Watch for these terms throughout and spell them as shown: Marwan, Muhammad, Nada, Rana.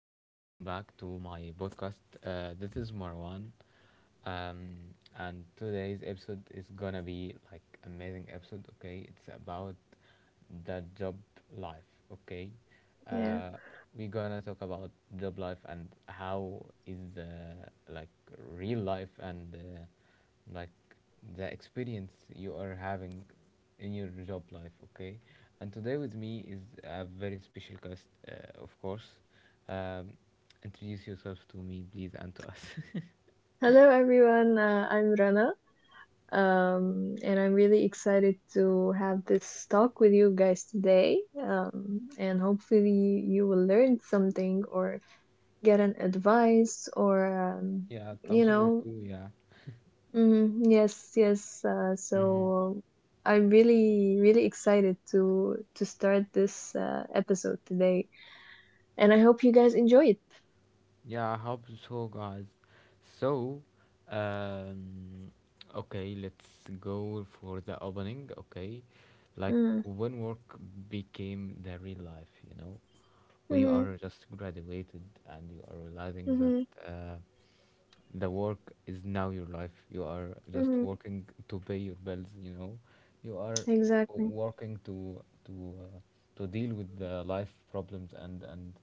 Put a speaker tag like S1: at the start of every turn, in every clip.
S1: Welcome back to my podcast. This is Marwan, um, and today's episode is gonna be like amazing episode. Okay, it's about the job life. Okay,
S2: Yeah.
S1: uh, we're gonna talk about job life and how is like real life and like the experience you are having in your job life. Okay, and today with me is a very special guest, of course. Um, Introduce yourself to me, please, and to us.
S2: Hello, everyone. I'm Rana, and I'm really excited to have this talk with you guys today. And hopefully, you will learn something or get an advice or, um,
S1: Yeah,
S2: you
S1: Samsung or
S2: know,
S1: two, yeah.
S2: yes, yes.
S1: Mm-hmm.
S2: So I'm really, really excited to start this episode today, and I hope you guys enjoy it.
S1: Yeah, I hope so, guys. So, um, okay, let's go for the opening, okay? Like
S2: Mm,
S1: when work became the real life, you know? When you
S2: mm-hmm,
S1: are just graduated and you are realizing that
S2: mm-hmm,
S1: uh, the work is now your life, you are just
S2: mm-hmm,
S1: working to pay your bills, you know, you are
S2: exactly.
S1: working to deal with the life problems and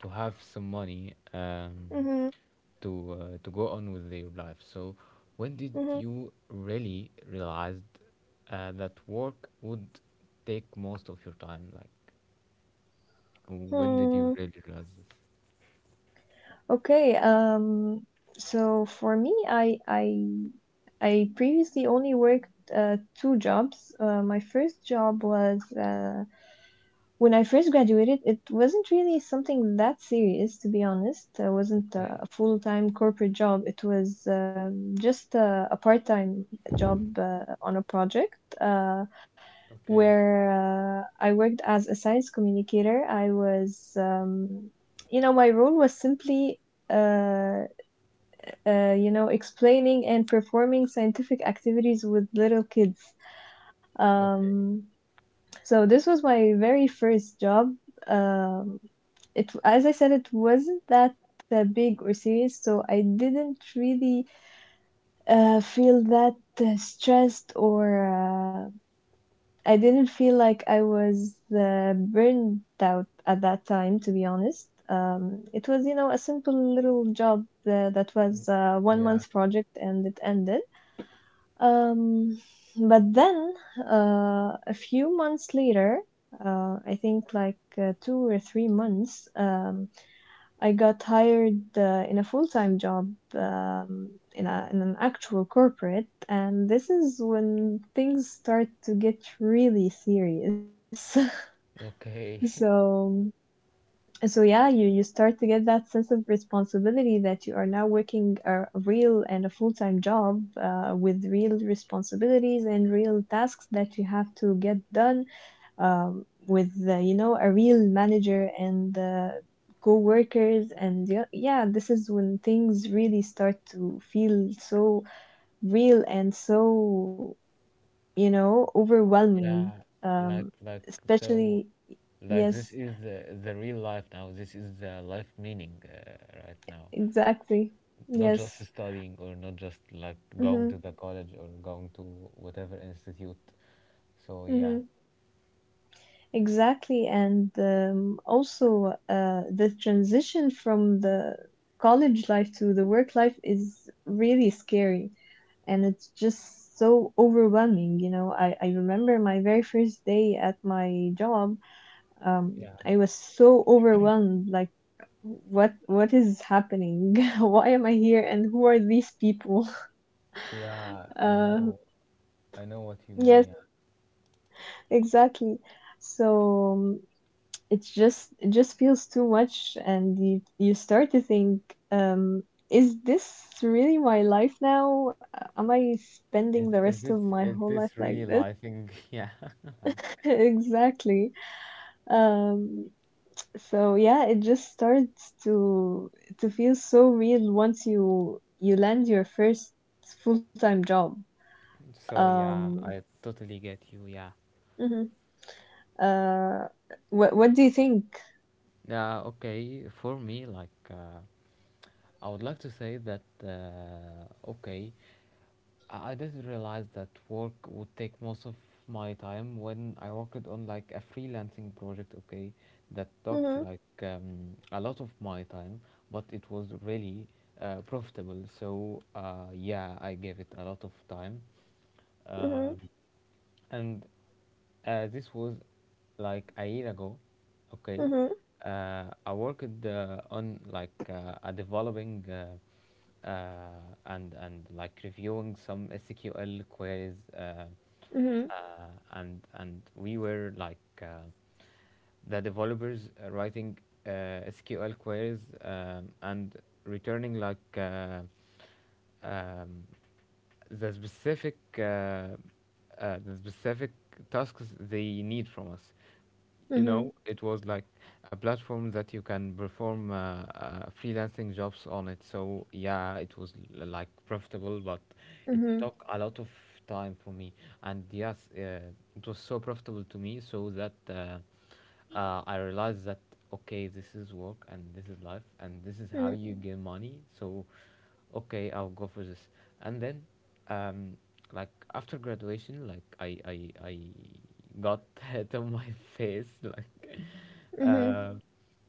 S1: to have some money,
S2: Mm-hmm,
S1: to go on with your life. So when did
S2: mm-hmm.
S1: you really realized that work would take most of your time? Like when did
S2: Hmm.
S1: you really realize this?
S2: Okay. So for me, I previously only worked two jobs. My first job was when I first graduated. It wasn't really something that serious, to be honest. It wasn't
S1: Okay,
S2: a full time corporate job. It was just a part time job on a project,
S1: okay,
S2: where I worked as a science communicator. I was, you know, My role was simply uh, explaining and performing scientific activities with little kids.
S1: okay.
S2: Um, so this was my very first job. Um, it, as I said, it wasn't that big or serious, so I didn't really feel that stressed, or uh, I didn't feel like I was burned out at that time, to be honest. It was, a simple little job that was a one
S1: Yeah.
S2: month project, and it ended. Um, but then, a few months later, I think like 2 or 3 months, I got hired in a full-time job, in an actual corporate, and this is when things start to get really serious.
S1: Okay.
S2: so so yeah, you start to get that sense of responsibility that you are now working a real and a full-time job, with real responsibilities and real tasks that you have to get done, with a real manager and co-workers, and yeah, yeah, this is when things really start to feel so real and so overwhelming,
S1: Yeah, like
S2: um,
S1: like so,
S2: especially.
S1: like this
S2: Yes,
S1: is the real life now. This is the life meaning right now.
S2: exactly,
S1: Not just
S2: yes.
S1: studying or not just like going
S2: Hmm,
S1: to the college or going to whatever institute. So yeah,
S2: hmm, exactly. And also, the transition from the college life to the work life is really scary, and it's just so overwhelming. I remember my very first day at my job. um,
S1: yeah,
S2: i was so overwhelmed, like what is happening. Why am I here, and who are these people?
S1: yeah.
S2: uh,
S1: I know what you mean.
S2: yes,
S1: Yeah,
S2: exactly. So it just feels too much, and you start to think, um is this really my life now? Am I spending
S1: is
S2: the
S1: is
S2: rest of
S1: this
S2: my
S1: is
S2: whole life
S1: this
S2: like
S1: really
S2: this?
S1: lifing? Yeah, like
S2: Exactly. Um, so yeah, it just starts to feel so real once you land your first full-time job.
S1: so. Yeah,
S2: Um,
S1: I totally get you. Yeah.
S2: hmm uh, what do you think?
S1: Yeah, okay. For me, like, I would like to say that, okay, I didn't realize that work would take most of my time when I worked on like a freelancing project, okay, that took
S2: Mhm,
S1: like a lot of my time, but it was really profitable. So, yeah, I gave it a lot of time. Um,
S2: mhm,
S1: and this was like a year ago. Okay,
S2: mhm,
S1: I worked on like a developing, and like reviewing some SQL queries,
S2: mhm,
S1: and we were like the developers writing uh, SQL queries, and returning like um, the specific tasks they need from us. You know,
S2: mhm,
S1: it was like a platform that you can perform freelancing jobs on it. So yeah, it was like profitable, but it
S2: mhm,
S1: took a lot of time for me. And yes, it was so profitable to me, so that. I realized that okay, this is work and this is life and this is how
S2: mhm,
S1: you gain money. So, okay, I'll go for this. And then, um, like after graduation, like I got hit on my face like,
S2: mhm,
S1: uh,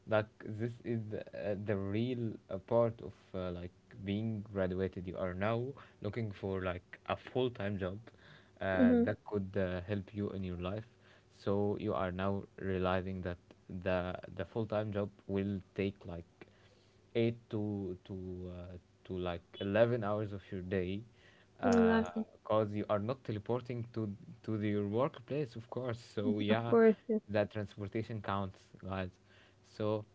S1: like this is the real part of like being graduated. You are now looking for like a full-time job
S2: mhm.
S1: that could help you in your life. So you are now realizing that the full-time job will take like 8 to like 11 hours of your day. Mm.
S2: Exactly.
S1: Because you are not teleporting your workplace, of course. So
S2: Of
S1: yeah,
S2: course. Yes.
S1: that transportation counts, guys. So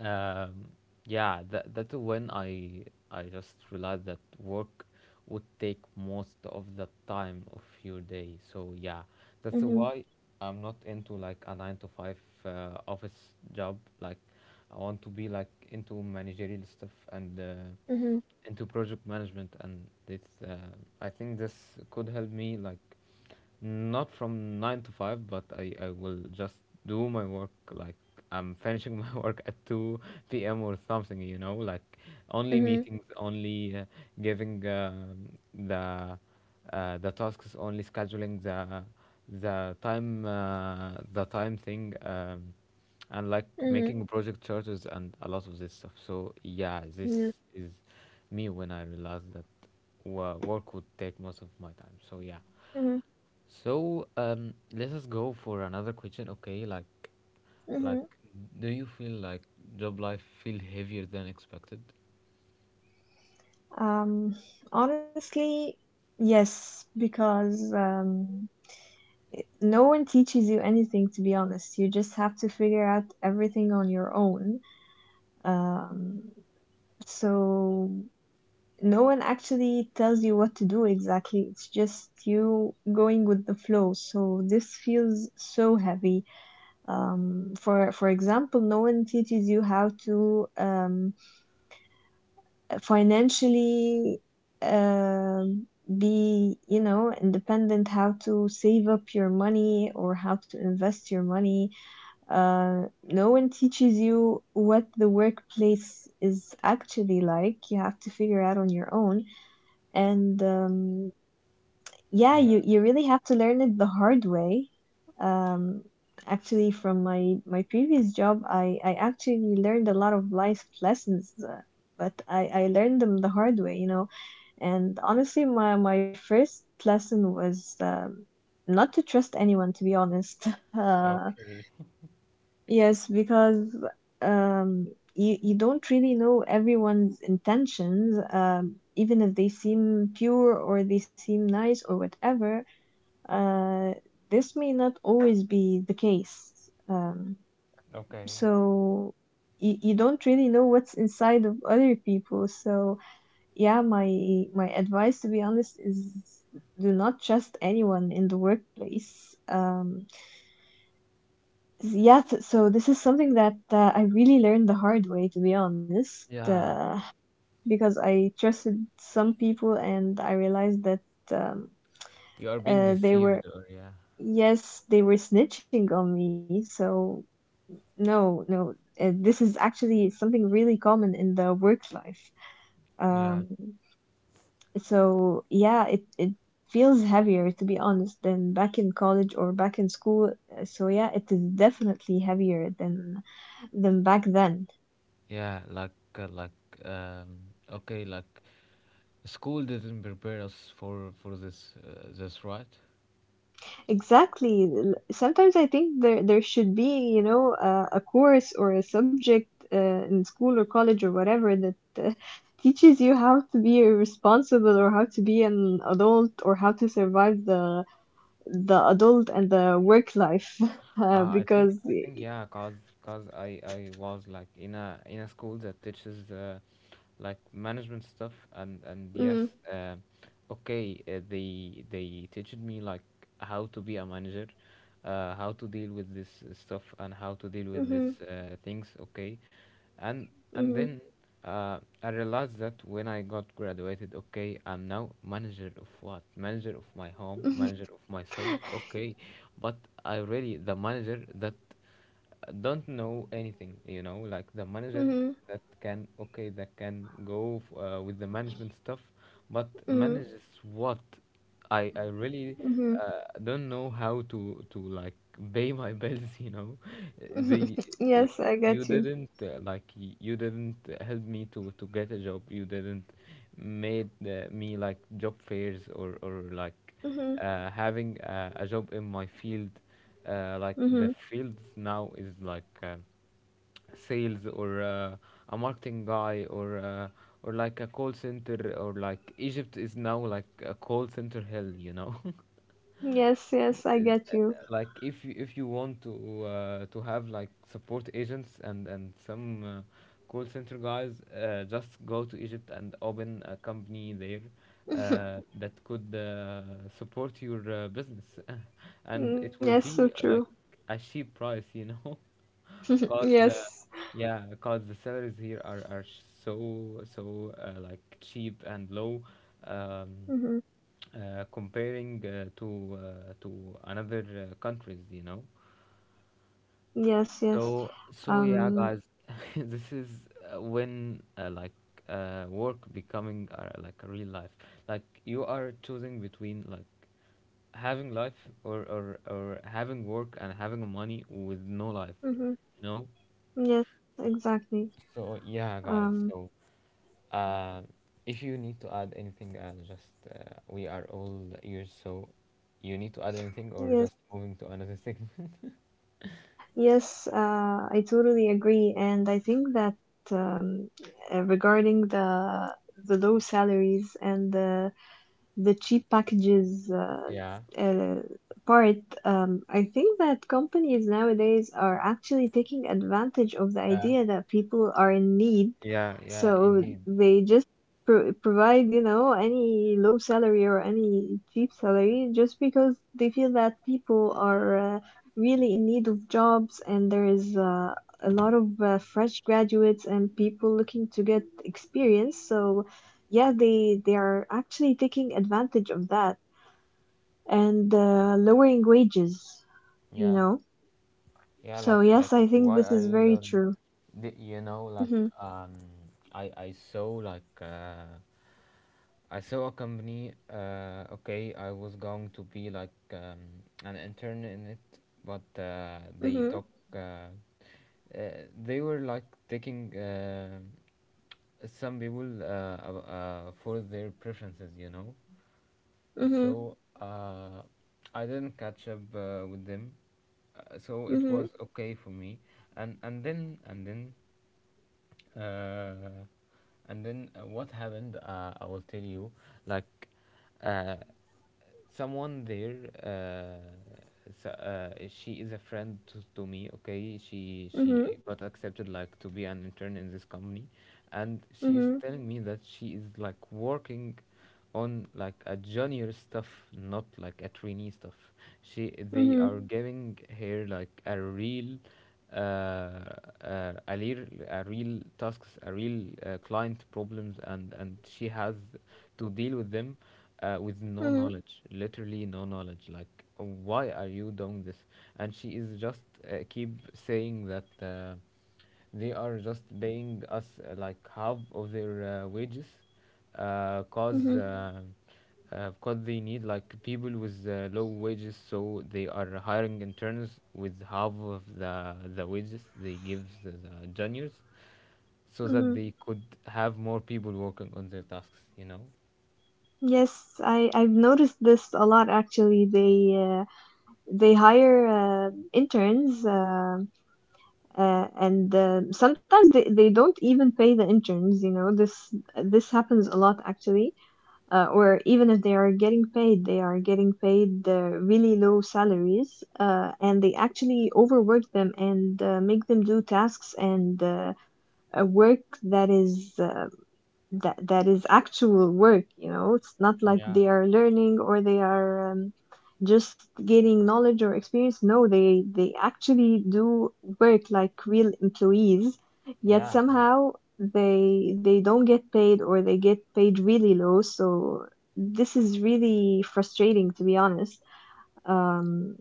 S1: um, yeah, that's when I just realized that work would take most of the time of your day. So yeah, that's
S2: Mhm,
S1: why I'm not into like a nine to five office job. Like I want to be like into managerial stuff and
S2: mhm,
S1: into project management, and this. uh, I think this could help me like not from 9 to 5, but I will just do my work like I'm finishing my work at 2 p.m. or something, you know, like only
S2: mhm,
S1: meetings, only giving the tasks, only scheduling the time thing, um, and like
S2: mhm,
S1: making project charges and a lot of this stuff. So yeah, this
S2: yes.
S1: is me when I realized that work would take most of my time. So yeah.
S2: Mhm,
S1: So, let us go for another question. Okay, like, like,
S2: mhm.
S1: do you feel like job life feel heavier than expected?
S2: Um, Honestly, yes, because no one teaches you anything, to be honest. You just have to figure out everything on your own, um, so no one actually tells you what to do exactly. It's just you going with the flow, so this feels so heavy. For example, no one teaches you how to financially, um, be, independent, how to save up your money or how to invest your money. No one teaches you what the workplace is actually like. You have to figure out on your own. And yeah, you really have to learn it the hard way. Um, Actually, from my previous job, I actually learned a lot of life lessons, but I learned them the hard way. And honestly, my first lesson was not to trust anyone, to be honest. Uh,
S1: Okay,
S2: Yes, because um, you don't really know everyone's intentions, even if they seem pure or they seem nice or whatever. Uh, this may not always be the case.
S1: okay.
S2: So you don't really know what's inside of other people. So yeah, my advice, to be honest, is do not trust anyone in the workplace. Yes, so this is something that I really learned the hard way, to be honest,
S1: Yeah,
S2: because I trusted some people and I realized that um,
S1: you are being
S2: they were,
S1: deceived, or yeah.
S2: yes, they were snitching on me. So, no, no, this is actually something really common in the work life.
S1: Yeah,
S2: Um, so, yeah, it feels heavier, to be honest, than back in college or back in school. So, yeah, it is definitely heavier than back then.
S1: yeah, like, um, okay, like, school didn't prepare us for this, this, right?
S2: Exactly. Sometimes I think there should be, a course or a subject in school or college or whatever that uh, teaches you how to be responsible, or how to be an adult, or how to survive the adult and the work life.
S1: I think
S2: Because
S1: I think yeah, cause I was like in a school that teaches like management stuff and yes,
S2: Mm,
S1: uh, okay, they teached me like how to be a manager, how to deal with this stuff and how to deal with this
S2: mm-hmm,
S1: things, okay, and and
S2: mm-hmm,
S1: then I realized that when I got graduated, okay, I'm now manager of what? Manager of my home,
S2: mm-hmm,
S1: manager of myself, okay. But I really, the manager that don't know anything, you know, like the manager
S2: mm-hmm,
S1: that can, okay, that can go with the management stuff, but
S2: mm-hmm.
S1: manages what? I really
S2: Mm-hmm.
S1: don't know how to like pay my bills. You know, the y-
S2: Yes, I
S1: you
S2: get you.
S1: didn't like you didn't help me to get a job. You didn't made me like job fairs or like
S2: Mm-hmm,
S1: having a job in my field. Like the
S2: mm-hmm.
S1: fields now is like. Sales or a marketing guy or or like a call center or like Egypt is now like a call center hell, you know.
S2: Yes, yes, I
S1: uh,
S2: get you.
S1: like if you want to have like support agents and some call center guys, just go to Egypt and open a company there. That could support your business, and it will
S2: Yes, so
S1: be
S2: true.
S1: like a cheap price, you know. cause uh,
S2: Yes.
S1: yeah cause the salaries here are so like cheap and low, um
S2: Mm-hmm.
S1: comparing to another countries, you know.
S2: Yes, yes.
S1: So
S2: Um,
S1: yeah, guys. This is when like work becoming like a real life. Like you are choosing between like having life, or having work and having money with no life,
S2: mm-hmm.
S1: you know.
S2: Yes, exactly.
S1: So yeah, guys.
S2: Um,
S1: So, uh, if you need to add anything, just we are all ears. So you need to add anything, or
S2: yes,
S1: just moving to another thing.
S2: yes, I totally agree. And I think that um, regarding the low salaries and the cheap packages
S1: Yeah,
S2: uh, part, I think that companies nowadays are actually taking advantage of the
S1: yeah,
S2: idea that people are in need.
S1: yeah, yeah.
S2: So
S1: Indeed.
S2: they just provide, any low salary or any cheap salary, just because they feel that people are really in need of jobs, and there is a lot of fresh graduates and people looking to get experience. So yeah, they are actually taking advantage of that, and lowering wages, you
S1: Yeah.
S2: know.
S1: Yeah,
S2: So
S1: like
S2: yes, I think
S1: why
S2: this
S1: are
S2: is
S1: you
S2: very
S1: learning?
S2: true.
S1: You know, like
S2: Mhm.
S1: um, I I saw like uh, I saw a company. Okay, I was going to be like an intern in it, but they
S2: Mhm.
S1: talk. Uh, they were like taking some people for their preferences, you know.
S2: Mhm.
S1: So, I didn't catch up with them. So it
S2: Mhm.
S1: was okay for me. And then and then uh, and then what happened? I will tell you. Like. Uh, Someone there, uh, so, she is a friend to me. Okay, she
S2: Mhm.
S1: she got accepted like to be an intern in this company, and she is
S2: Mhm.
S1: telling me that she is like working on like a junior stuff, not like a trainee stuff. She They
S2: Mhm.
S1: are giving her like uh, a real tasks, a real client problems, and she has to deal with them with no
S2: Mhm.
S1: knowledge, literally no knowledge. Like, why are you doing this? And she is just keep saying that. They are just paying us like half of their wages, cause
S2: Mhm.
S1: because they need like people with low wages, so they are hiring interns with half of the wages they give the juniors, so that
S2: Mhm.
S1: they could have more people working on their tasks. You know.
S2: Yes, I've noticed this a lot, actually. They hire interns, and sometimes they don't even pay the interns. This happens a lot, actually. Or even if they are getting paid, they are getting paid really low salaries, and they actually overwork them and make them do tasks and work that is that is actual work. It's not like
S1: Yeah,
S2: they are learning, or they are just gaining knowledge or experience. No, they actually do work like real employees, yet
S1: yeah, yeah.
S2: somehow they don't get paid, or they get paid really low. So this is really frustrating, to be honest, um,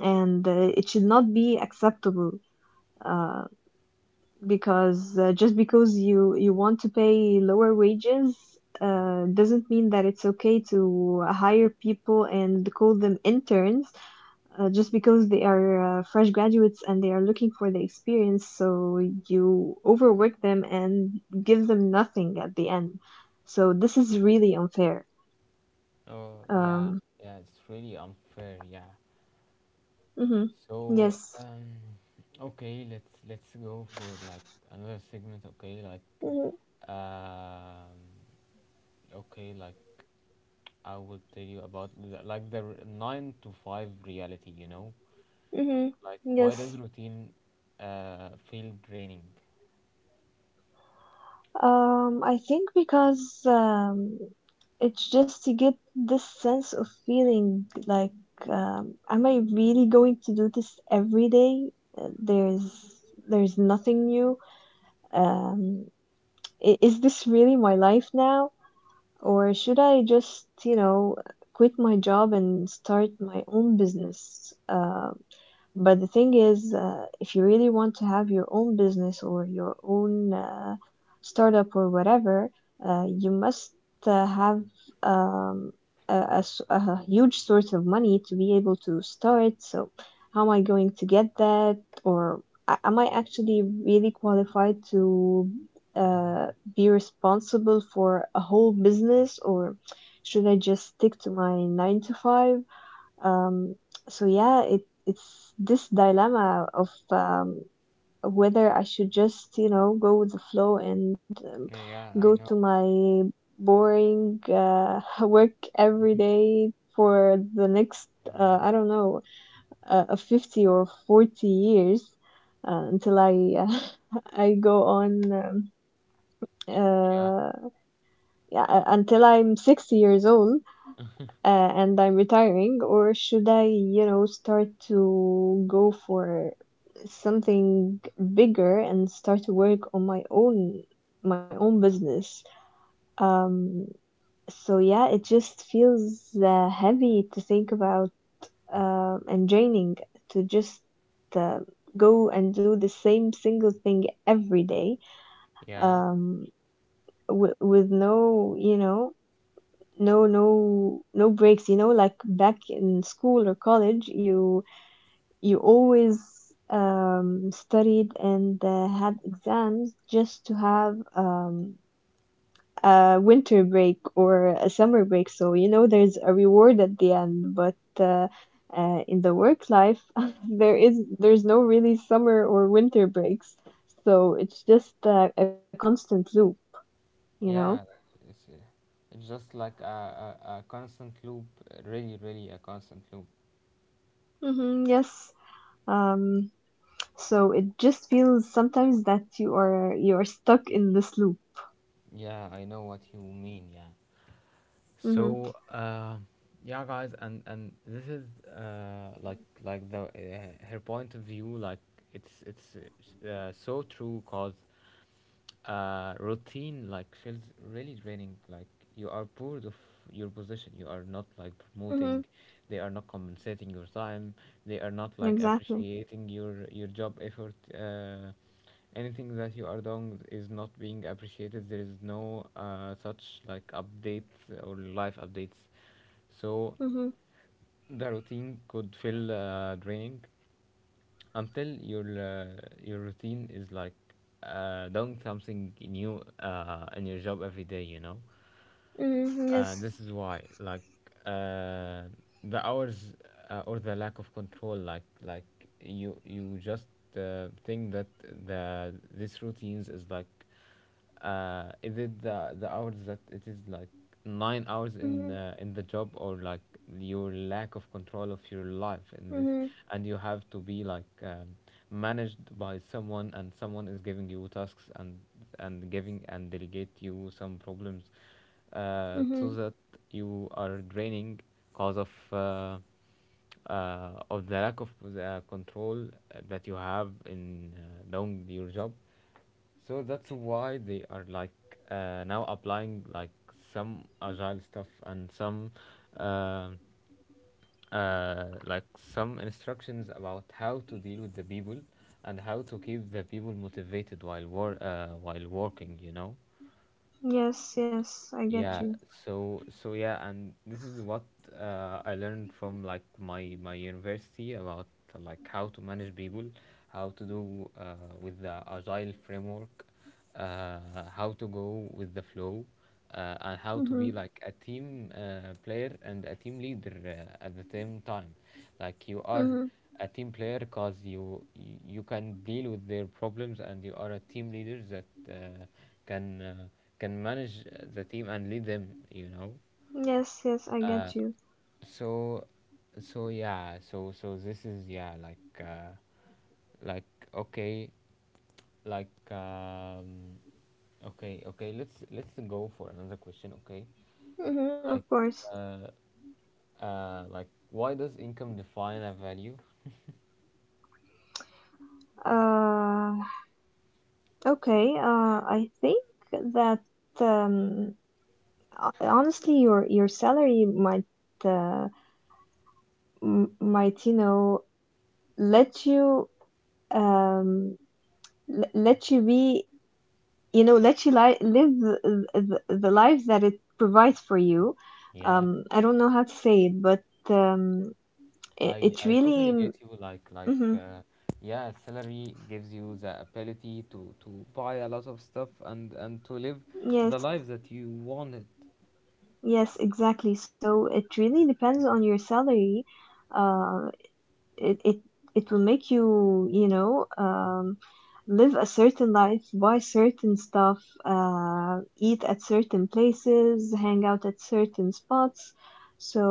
S2: and it should not be acceptable. Uh because just because you want to pay lower wages, doesn't mean that it's okay to hire people and call them interns, just because they are fresh graduates and they are looking for the experience. So you overwork them and give them nothing at the end. So this is really unfair.
S1: Oh, yeah,
S2: Um,
S1: yeah. It's really unfair. Yeah.
S2: mhm. Yes.
S1: So, okay, let's go for like another segment. Okay, like, um, okay, like I will tell you about like the nine to five reality. You know,
S2: Mm-hmm.
S1: like why does
S2: Yes.
S1: routine feel draining?
S2: I think because it's just to get this sense of feeling like, am I really going to do this every day? Uh, There's there's nothing new. Um, is this really my life now, or should I just, quit my job and start my own business? But the thing is, if you really want to have your own business or your own startup or whatever, you must have um, a huge source of money to be able to start. So, how am I going to get that? Or am I actually really qualified to uh, be responsible for a whole business? Or should I just stick to my 9 to 5? Um, so yeah, it's this dilemma of whether I should just, go with the flow, and
S1: Yeah, yeah,
S2: go
S1: I
S2: to
S1: know.
S2: my boring work every day for the next, I don't know, 50 or 40 years, until I I go on,
S1: Yeah,
S2: uh, yeah, until I'm 60 years old, and I'm retiring, or should I, start to go for something bigger, and start to work on my own business? Um, so yeah, it just feels heavy to think about, and draining to just uh, go and do the same single thing every day,
S1: yeah,
S2: um, with no, no, no, no breaks. Like back in school or college, you always studied and had exams just to have a winter break or a summer break, so there's a reward at the end. But in the work life, there's no really summer or winter breaks. So it's just a constant loop you know
S1: yeah. It's, uh, it's just like a constant loop. Really, really a constant loop.
S2: hmm, yes. um So it just feels sometimes that you are stuck in this loop.
S1: Yeah, I know what you mean. Yeah.
S2: Hmm.
S1: So, yeah, guys, and this is like the her point of view. Like it's so true, cause, routine like feels really draining. Like you are bored of your position. You are not like
S2: Mm-hmm.
S1: promoting. They are not compensating your time. They are not like
S2: Exactly.
S1: appreciating your job effort. Anything that you are doing is not being appreciated. There is no such like updates or life updates. So
S2: Mm-hmm.
S1: the routine could feel draining until your routine is like doing something new in your job every day. You know,
S2: Mm-hmm.
S1: and
S2: Yes.
S1: this is why like uh, the hours or the lack of control like you just think that the this routines is like is it the hours that it is like 9 hours in
S2: Mm-hmm.
S1: the job, or like your lack of control of your life in this,
S2: Mm-hmm.
S1: and you have to be like managed by someone, and someone is giving you tasks, and giving and delegate you some problems, so
S2: Mm-hmm.
S1: that you are draining cause of the lack of the control that you have in doing your job. So that's why they are like now applying like some agile stuff, and uh, some instructions about how to deal with the people and how to keep the people motivated while while working.
S2: Yes, yes, I
S1: Yeah,
S2: get you.
S1: so yeah, and this is what I learned from like my university about like how to manage people, how to do with the agile framework, uh, how to go with the flow, and how to be
S2: Hmm.
S1: like a team player and a team leader at the same time. Like you are
S2: Mm-hmm.
S1: a team player because you can deal with their problems, and you are a team leader that uh, can uh, can manage the team and lead them.
S2: Yes, yes, I get you.
S1: so so yeah, so this is, yeah, like like, okay, like okay, okay, let's go for another question. Okay,
S2: Mm-hmm. Of
S1: like
S2: course.
S1: uh, like, why does income define a value?
S2: Uh, okay. I think that um, honestly, your salary might uh, m might you know let you um let you be you know let you live the life that it provides for you.
S1: Yeah,
S2: I don't know how to say it, but um it,
S1: I
S2: it
S1: I
S2: really
S1: totally get you. Like like
S2: mhm,
S1: uh, yeah, salary gives you the ability to buy a lot of stuff, and to live
S2: yes,
S1: the life that you wanted.
S2: yes exactly, so it really depends on your salary uh it it will make you, you know, live a certain life, buy certain stuff, eat at certain places, hang out at certain spots. So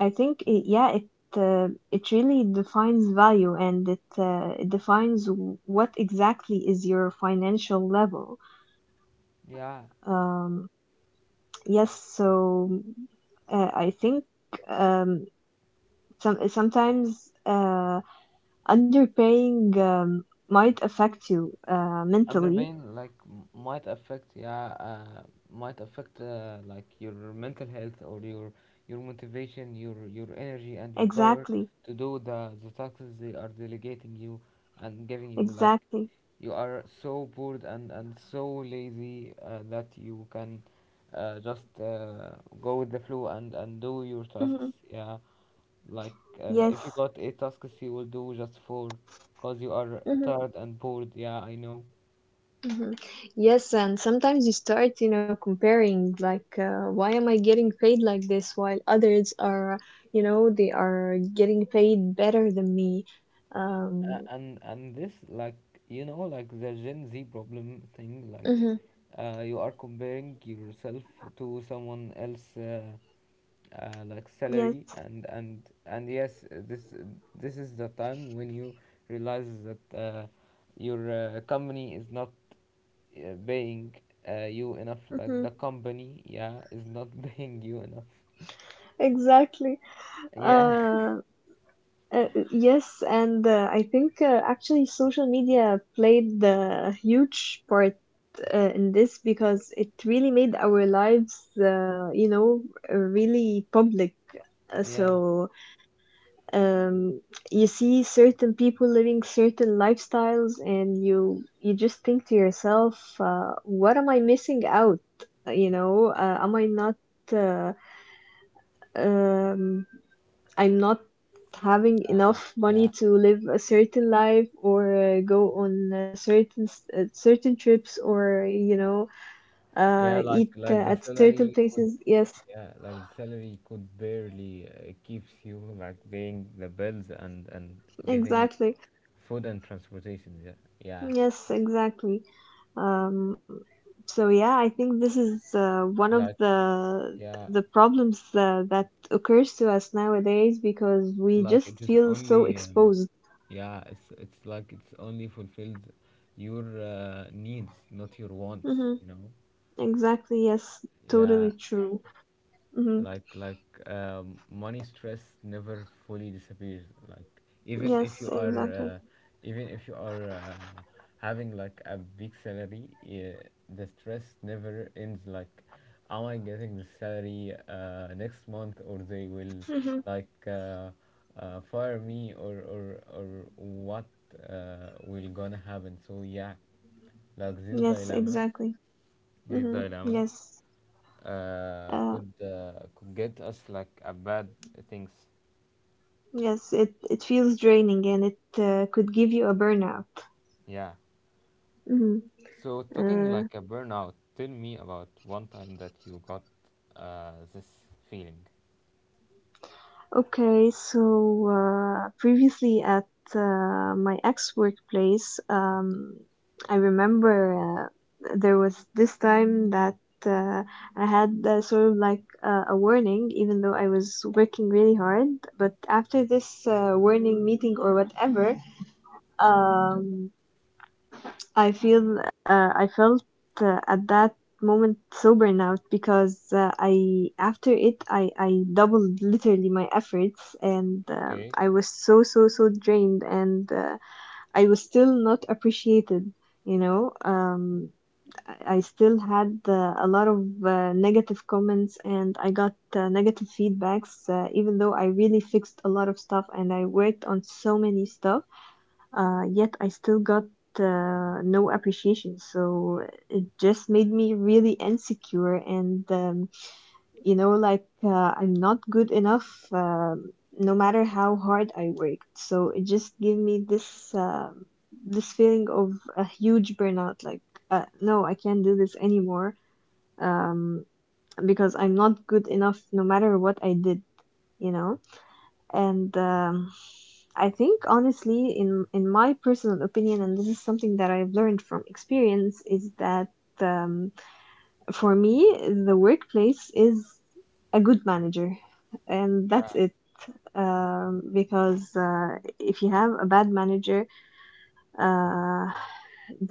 S2: I think it, yeah it it really defines value, and it defines what exactly is your financial level.
S1: Yeah,
S2: um yes, so I think um sometimes underpaying might affect you mentally.
S1: underpain like might affect, like, your mental health, or your motivation, your energy, and your power
S2: Exactly,
S1: to do the tasks they are delegating you and giving you, like
S2: exactly.
S1: you are so bored, and so lazy, that you can just go with the flow, and do your tasks.
S2: Hmm.
S1: Yeah, like, if you
S2: Yes.
S1: got eight tasks, you will do just four, because you are
S2: Hmm.
S1: tired and bored. Yeah, I know.
S2: Hmm. Yes, and sometimes you start, you know, comparing like, why am I getting paid like this while others are, you know, they are getting paid better than me.
S1: uh,
S2: Um,
S1: and and this, like, like the Gen Z problem thing, like
S2: mhm,
S1: you are comparing yourself to someone else, like,
S2: Yes,
S1: salary, and and yes, this is the time when you realize that your company is not paying you enough. Like,
S2: hmm
S1: the company, yeah, is not paying you enough,
S2: exactly.
S1: yeah.
S2: Um, yes, and I think actually social media played the huge part in this because it really made our lives, you know, really public. So
S1: Yeah.
S2: um, you see certain people living certain lifestyles, and you just think to yourself, what am I missing out? You know, am I not uh, um, I'm not having enough money
S1: Yeah,
S2: to live a certain life, or go on a certain certain trips, or you know
S1: yeah,
S2: eat
S1: like the
S2: at
S1: salary
S2: certain
S1: could
S2: places. Yes,
S1: yeah, like the salary could barely keeps you like paying the bills, and getting
S2: exactly.
S1: food and transportation. Yeah, yeah,
S2: Yes, exactly. Um, so yeah, I think this is one of
S1: like, yeah,
S2: the problems that occurs to us nowadays because we
S1: like it
S2: just
S1: is
S2: feel so
S1: only
S2: exposed.
S1: yeah, it's like it's only fulfilled your needs, not your wants.
S2: Mm-hmm. Exactly. Yes.
S1: Yeah,
S2: Totally true. Mm-hmm.
S1: like, money stress never fully disappears, like,
S2: Yes. Exactly.
S1: even if you are having like a big salary, the stress never ends. Like, am I getting the salary next month, or they will,
S2: Hmm.
S1: like, fire me, or what will gonna happen? So, yeah, like this
S2: Yes,
S1: dilemma
S2: exactly.
S1: this
S2: Hmm.
S1: dilemma
S2: Yes.
S1: uh,
S2: Uh,
S1: could uh, could get us like a bad things.
S2: yes, it feels draining, and it could give you a burnout.
S1: Yeah.
S2: Hmm.
S1: So, talking
S2: Uh,
S1: like a burnout, tell me about one time that you got this feeling.
S2: okay, so previously at my ex workplace, I remember there was this time that uh, I had sort of like a warning, even though I was working really hard. But after this warning meeting or whatever, um, I feel I felt at that moment so burnout because I after it, I doubled literally my efforts, and
S1: Okay.
S2: I was so so so drained, and I was still not appreciated. You know, I still had a lot of negative comments, and I got negative feedbacks, even though I really fixed a lot of stuff and I worked on so many stuff, yet I still got no appreciation. So it just made me really insecure, and you know, like I'm not good enough, no matter how hard I worked. So it just gave me this this feeling of a huge burnout. Like, no, I can't do this anymore. Um, because I'm not good enough, no matter what I did, you know. And I think honestly, in my personal opinion, and this is something that I've learned from experience, is that um, for me, the workplace is a good manager, and that's
S1: Yeah.
S2: it. Because if you have a bad manager uh,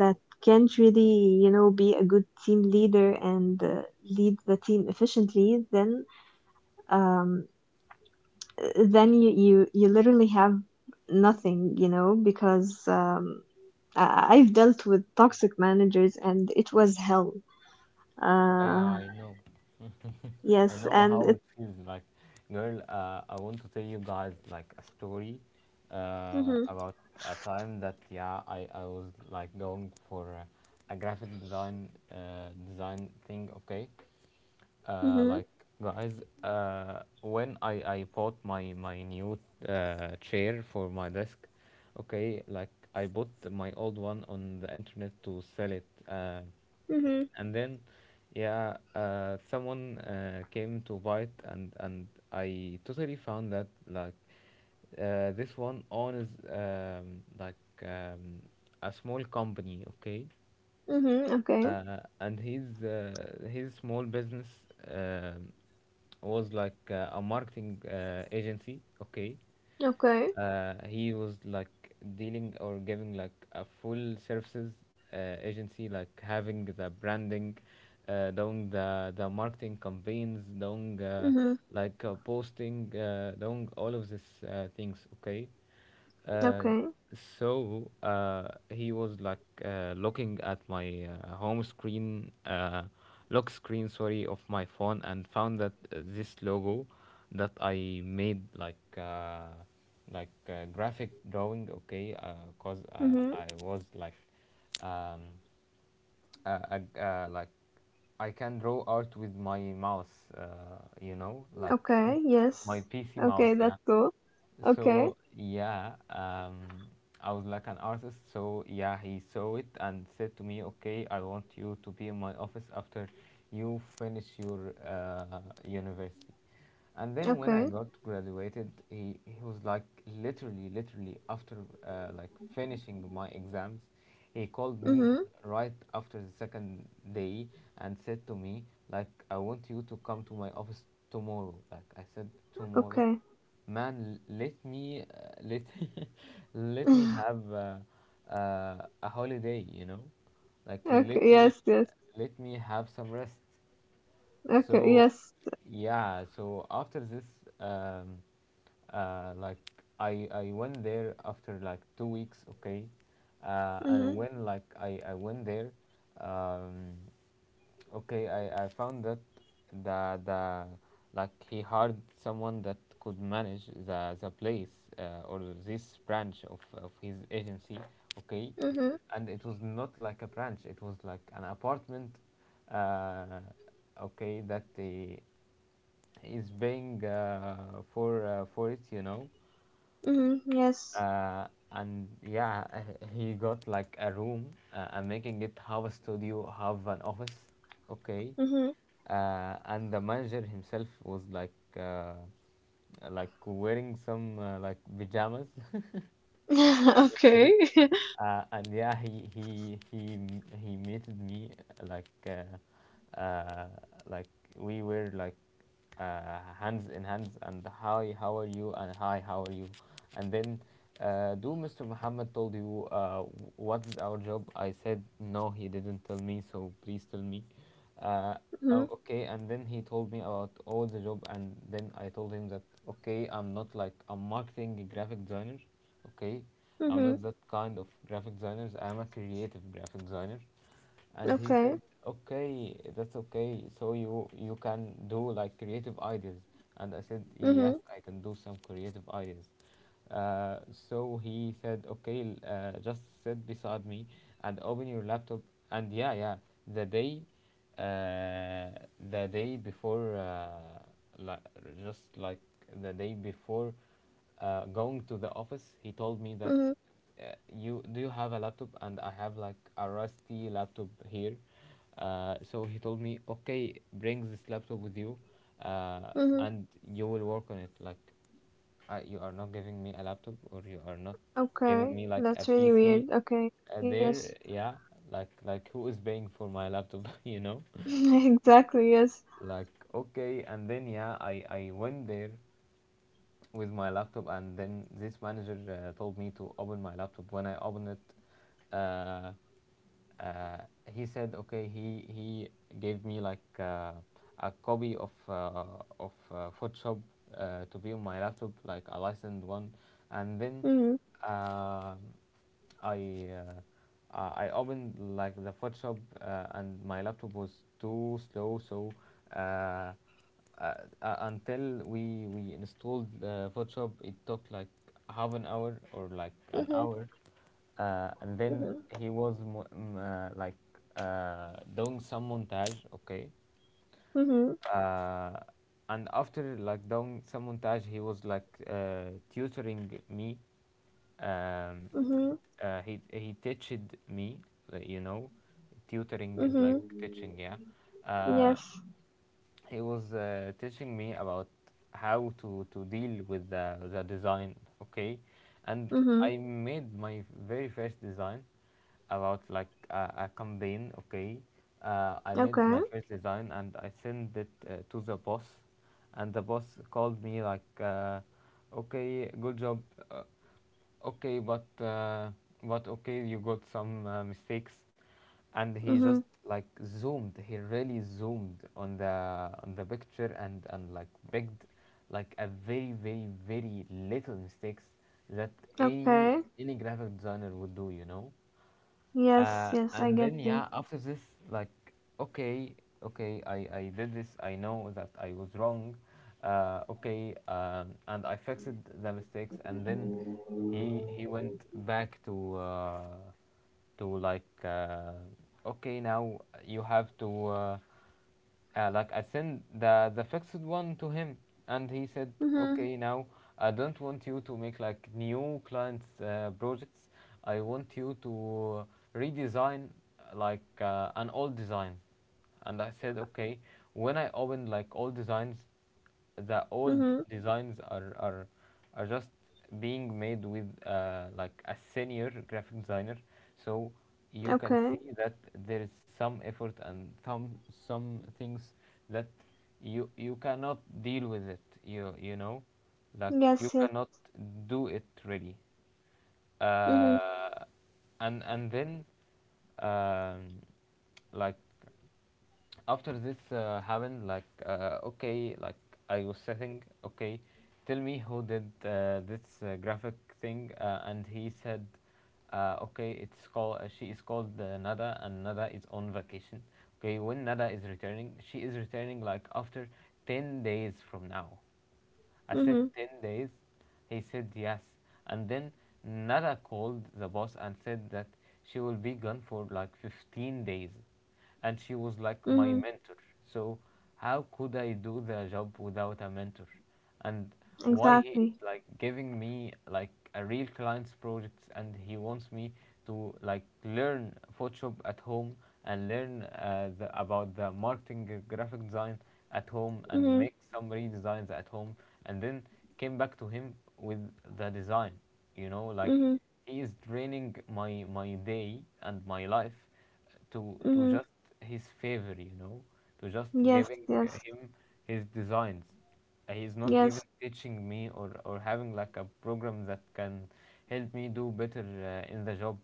S2: that can't really, you know, be a good team leader and lead the team efficiently, um, then you, you literally have nothing, you know, because I've dealt with toxic managers, and it was hell.
S1: Yeah.
S2: Uh,
S1: I know. I
S2: yes,
S1: know
S2: and
S1: how
S2: it.
S1: it feels like. Girl, I want to tell you guys like a story
S2: Mm-hmm,
S1: about a time that, yeah, I was like going for a graphic design thing. Okay,
S2: mm-hmm,
S1: like, guys, when I bought my new chair for my desk. Okay, like, I bought my old one on the internet to sell it,
S2: mm-hmm,
S1: and then, yeah, someone came to buy it, and I totally found that, like, this one owns, like um, a small company. Okay,
S2: hmm okay,
S1: and his small business um was like a marketing agency. Okay,
S2: okay,
S1: he was like dealing or giving like a full services agency, like, having the branding, doing the marketing campaigns, doing, uh,
S2: mm-hmm,
S1: like uh, posting, doing all of these things. Okay, uh,
S2: okay,
S1: so he was like looking at my home screen, lock screen, sorry, of my phone, and found that this logo that I made, like like, graphic drawing. Okay, cause I
S2: mm-hmm,
S1: I was, like, um, like, I can draw art with my mouse. Like,
S2: okay, yes,
S1: my PC mouse,
S2: okay,
S1: yeah.
S2: that's cool. Okay,
S1: So yeah, I was like an artist. So yeah, he saw it and said to me, "Okay, I want you to be in my office after you finish your university." And then when I
S2: okay,
S1: got graduated, he was, like, literally, literally, after like, finishing my exams, he called me
S2: mm-hmm,
S1: right after the second day and said to me, like, "I want you to come to my office tomorrow." Like, I said, tomorrow.
S2: okay,
S1: Man, let me let let me have a holiday. Like, let
S2: okay,
S1: me
S2: yes, yes,
S1: have some rest.
S2: okay,
S1: So,
S2: yes,
S1: yeah. So after this, um, like, I went there after like 2 weeks. Okay, and
S2: mm-hmm,
S1: when, like, I went there, um, okay, I found that the like, he hired someone that could manage the place, or this branch of his agency. Okay,
S2: mm-hmm,
S1: and it was not like a branch; it was like an apartment. Uh, okay, that he is paying for it,
S2: mm-hmm, yes,
S1: and, yeah, he got like a room. I'm making it have a studio, have an office. Okay.
S2: mm-hmm,
S1: And the manager himself was, like, uh, like, wearing some like, pajamas,
S2: okay,
S1: okay. And, yeah, he meted me, like, like, we were like hands in hands, and, "Hi, how are you?" And, "Hi, how are you?" And then, "Do Mr. Muhammad told you what's our job?" I said, "No, he didn't tell me, so please tell me." Uh,
S2: mm-hmm,
S1: oh, okay, and then he told me about all the job, and then I told him that, okay, I'm not like a marketing graphic designer. Okay, I'm
S2: mm-hmm,
S1: not that kind of graphic designer. I'm a creative graphic designer. And he
S2: okay,
S1: said, okay, that's okay, so you can do like creative ideas. And I said,
S2: mm-hmm,
S1: yes, I can do some creative ideas, so he said, okay, just sit beside me and open your laptop. And yeah, yeah, the day uh, the day before, like, just, like the day before, going to the office, he told me that,
S2: mm-hmm,
S1: you do you have a laptop, and I have like a rusty laptop here. So he told me, okay, bring this laptop with you, uh,
S2: mm-hmm,
S1: and you will work on it. Like, you are not giving me a laptop, or you are not giving
S2: Okay,
S1: me like a
S2: that's really
S1: PC.
S2: weird. Okay,
S1: Uh,
S2: yes,
S1: there, yeah, like who is paying for my laptop?
S2: exactly. Yes.
S1: Like, okay, and then, yeah, I went there with my laptop, and then this manager told me to open my laptop. When I opened it, uh, he said, "Okay." He gave me like a copy of Photoshop to be on my laptop, like a licensed one. And then
S2: Mhm.
S1: uh, i uh, I opened like the Photoshop, and my laptop was too slow. So uh, uh, until we installed Photoshop, it took like half an hour or like an
S2: Mhm.
S1: hour. And then
S2: Mhm.
S1: he was like, doing some montage. Okay.
S2: Mhm.
S1: uh, and after like doing some montage, he was like, tutoring me. um,
S2: Mhm.
S1: he teached me, like, you know, tutoring is like
S2: Mhm.
S1: teaching, yeah. uh,
S2: Yes.
S1: he was teaching me about how to deal with the design. Okay. And
S2: Mhm.
S1: I made my very first design, about like a campaign. Okay. I made my
S2: Okay.
S1: first design and I sent it to the boss, and the boss called me, like, "Okay, good job. uh, okay, but okay, you got some mistakes." And he
S2: Mhm.
S1: just like zoomed, he really zoomed on the picture, and like picked like a very little mistakes that any
S2: Okay.
S1: any graphic designer would do, you know.
S2: Yes. Yes. I
S1: And
S2: get
S1: then
S2: you.
S1: yeah, after this, like, okay, okay, I did this, I know that I was wrong. Okay, and I fixed the mistakes, and then he went back to to like uh, "Okay, now you have to like," I sent the fixed one to him, and he said,
S2: Mhm.
S1: "Okay, now I don't want you to make like new clients' projects. I want you to redesign an old design." And I said, "Okay." When I opened like old designs, the old
S2: Mhm.
S1: designs are just being made with like a senior graphic designer, so you can
S2: Okay.
S1: see that there is some effort and some things that you cannot deal with it, you know, like you
S2: Yes. Yes.
S1: cannot do it really.
S2: Mhm.
S1: uh, and then, um, like, after this happened, like, okay, like, I was sitting, okay, tell me who did this graphic thing. And he said, "Okay, it's called, she is called, Nada, and Nada is on vacation. Okay, when Nada is returning, she is returning like after 10 days from now." I said,
S2: Mhm.
S1: "10 days." He said, "Yes." And then Nada called the boss and said that she will be gone for like 15 days. And she was like
S2: Mhm.
S1: my mentor. So how could I do the job without a mentor? And why he is
S2: Exactly.
S1: like giving me like a real client's projects, and he wants me to like learn Photoshop at home and learn about the marketing graphic design at home, and
S2: Mhm.
S1: make some redesigns at home, and then came back to him with the design, you know, like,
S2: Mhm.
S1: he is draining my my day and my life to
S2: Mhm.
S1: just his favor, you know, to just
S2: Yes.
S1: giving
S2: Yes.
S1: him his designs. He's not even
S2: Yes.
S1: teaching me, or having like a program that can help me do better in the job.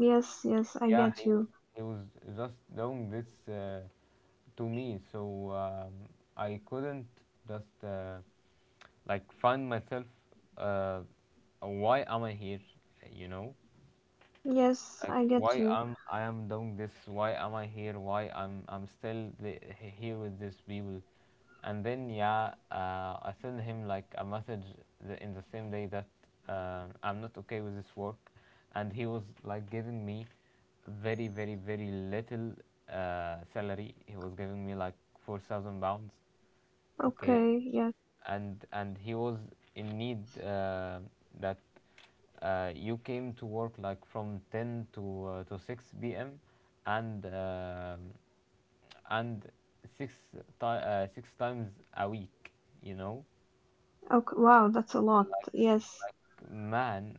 S2: Yes. Yes. I
S1: Yeah, he
S2: get
S1: was,
S2: you.
S1: he was just doing this to me. So I couldn't just like find myself, uh, why am I here, you know,
S2: Yes. I
S1: like
S2: get
S1: why
S2: you.
S1: am I am doing this, why am I here, why I'm still here with these people. And then yeah, I send him like a message in the same day that I'm not okay with this work. And he was like giving me very little salary. He was giving me like £4,000. Okay.
S2: Okay. Yes.
S1: And he was in need, that you came to work like from 10 to 6 p.m. And um, and six times a week, you know.
S2: Okay. Wow. That's a lot.
S1: like
S2: Yes.
S1: like, man.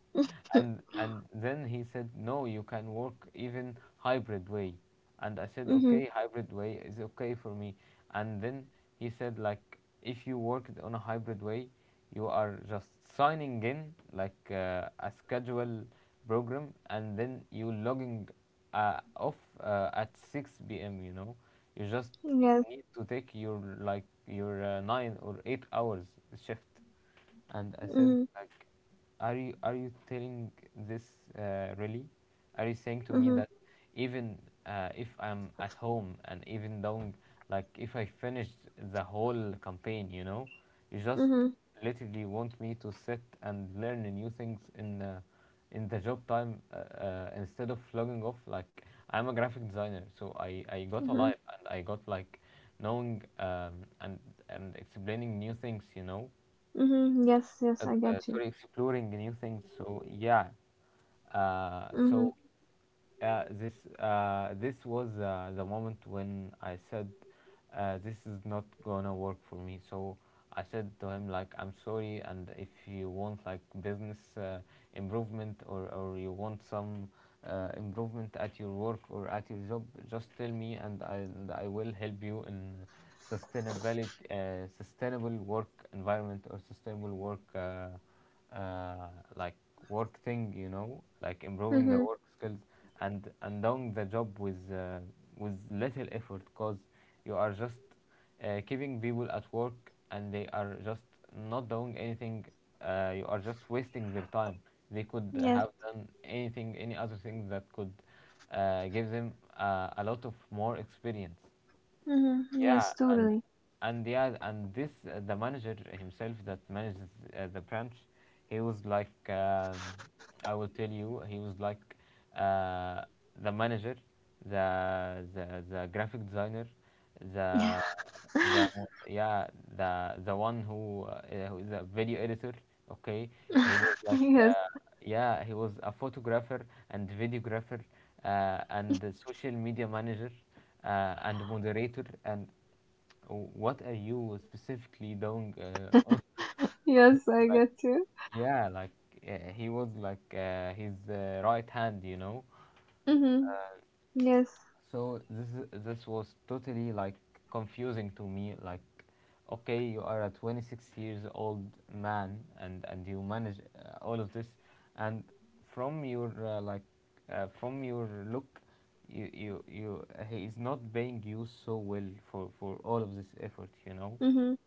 S1: And then he said, "No, you can work even hybrid way." And I said,
S2: Mhm.
S1: "Okay, hybrid way is okay for me." And then he said, like, "If you worked on a hybrid way, you are just signing in like a schedule program, and then you logging off at 6 p.m., you know, you just
S2: Yes.
S1: need to take your like your 9 or 8 hours shift." And I said,
S2: Mhm.
S1: like, are you telling this really, are you saying to me
S2: Mhm.
S1: that even if I'm at home, and even though, like, if I finished the whole campaign, you know, you just
S2: Mhm.
S1: literally want me to sit and learn new things in the job time instead of logging off? Like, I'm a graphic designer, so I got
S2: Mhm.
S1: alive, and I got like knowing, and explaining new things, you know.
S2: Mhm. Yes. Yes. I get you.
S1: Sorry, exploring new things. So yeah,
S2: Mhm.
S1: so this, this was the moment when I said, "This is not gonna work for me." So I said to him, like, "I'm sorry, and if you want like business improvement, or you want some improvement at your work or at your job, just tell me, and I will help you in sustainability, sustainable work environment, or sustainable work uh, like work thing, you know, like improving the
S2: Mhm.
S1: work skills and doing the job with little effort. Cause you are just keeping people at work, and they are just not doing anything. You are just wasting their time. They could
S2: Yes.
S1: have done anything, any other thing that could give them a lot of more experience."
S2: Mhm.
S1: Yeah.
S2: Yes. Totally.
S1: And yeah, and this the manager himself that manages the branch, he was like, I will tell you, he was like, uh, the manager, the graphic designer, the the yeah, the one who is a video editor. Okay. He was like,
S2: yes.
S1: yeah, he was a photographer and videographer, and a social media manager, and moderator, and what are you specifically doing, on-
S2: Yes. I
S1: like,
S2: get you.
S1: yeah, like, he was like his right hand, you know.
S2: Mhm. Yes.
S1: So this is, this was totally like confusing to me. Like, okay, you are a 26 years old man, and you manage all of this, and from your from your look, you he is not paying you so well for all of this effort, you know.
S2: Mhm.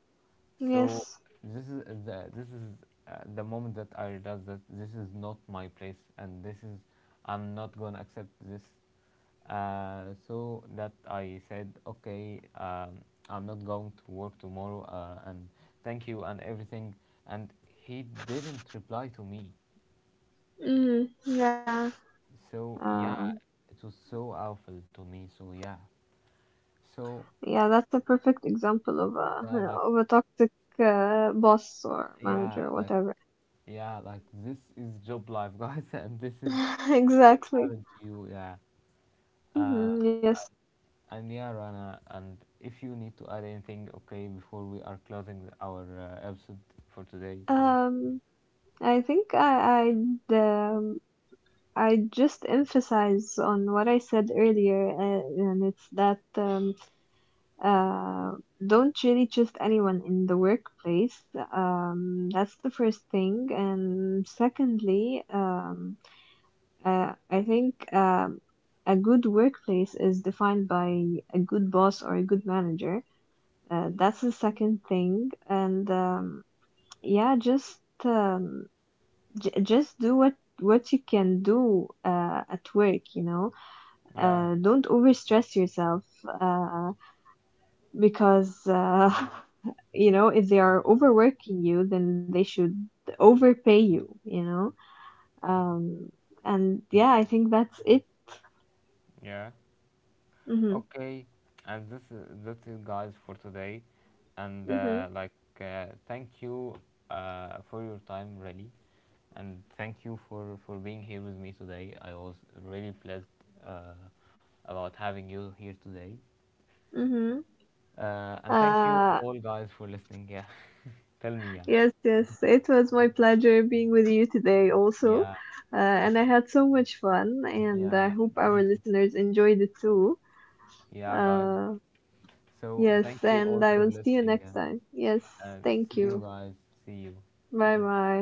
S1: So
S2: Yes.
S1: this is the, this is the moment that I realized that this is not my place, and this is, I'm not gonna accept this. So that I said, "Okay, I'm not going to work tomorrow, and thank you, and everything." And he didn't reply to me.
S2: Mhm. Yeah.
S1: So yeah,
S2: Um.
S1: it was so awful to me. So yeah, so
S2: Yeah. That's a perfect example
S1: yeah, like,
S2: of a toxic boss or
S1: yeah,
S2: manager, or
S1: like,
S2: whatever.
S1: yeah, like, this is job life, guys, and this is, good
S2: exactly.
S1: having to you, yeah. Uh,
S2: Mhm. Yes.
S1: and yeah, Rana, and if you need to add anything, okay, before we are closing our episode for today, so
S2: Um. I think I'd I just emphasize on what I said earlier, and it's that uh, don't really trust anyone in the workplace. That's the first thing, and secondly, I think a good workplace is defined by a good boss or a good manager. That's the second thing, and yeah, just um, just do what you can do at work. You know,
S1: yeah.
S2: don't overstress yourself uh, because you know if they are overworking you, then they should overpay you, you know, um and yeah, I think that's it.
S1: Yeah,
S2: Mhm.
S1: okay, and this is, that's it, guys, for today, and
S2: Mhm.
S1: like, thank you for your time, really, and thank you for being here with me today. I was really pleased uh, about having you here today.
S2: Mhm.
S1: And thank you
S2: Uh,
S1: all, guys, for listening. Yeah, tell me. Yeah,
S2: yes, yes, it was my pleasure being with you today also,
S1: yeah,
S2: and I had so much fun, and I
S1: yeah.
S2: hope
S1: Me
S2: our
S1: too.
S2: listeners enjoyed it too.
S1: Yeah, guys.
S2: uh
S1: So
S2: yes,
S1: thank you all
S2: and I
S1: for
S2: will see you
S1: listening.
S2: next
S1: Yeah,
S2: time. Yes,
S1: and
S2: thank
S1: see you,
S2: you.
S1: guys. See you.
S2: Bye-bye.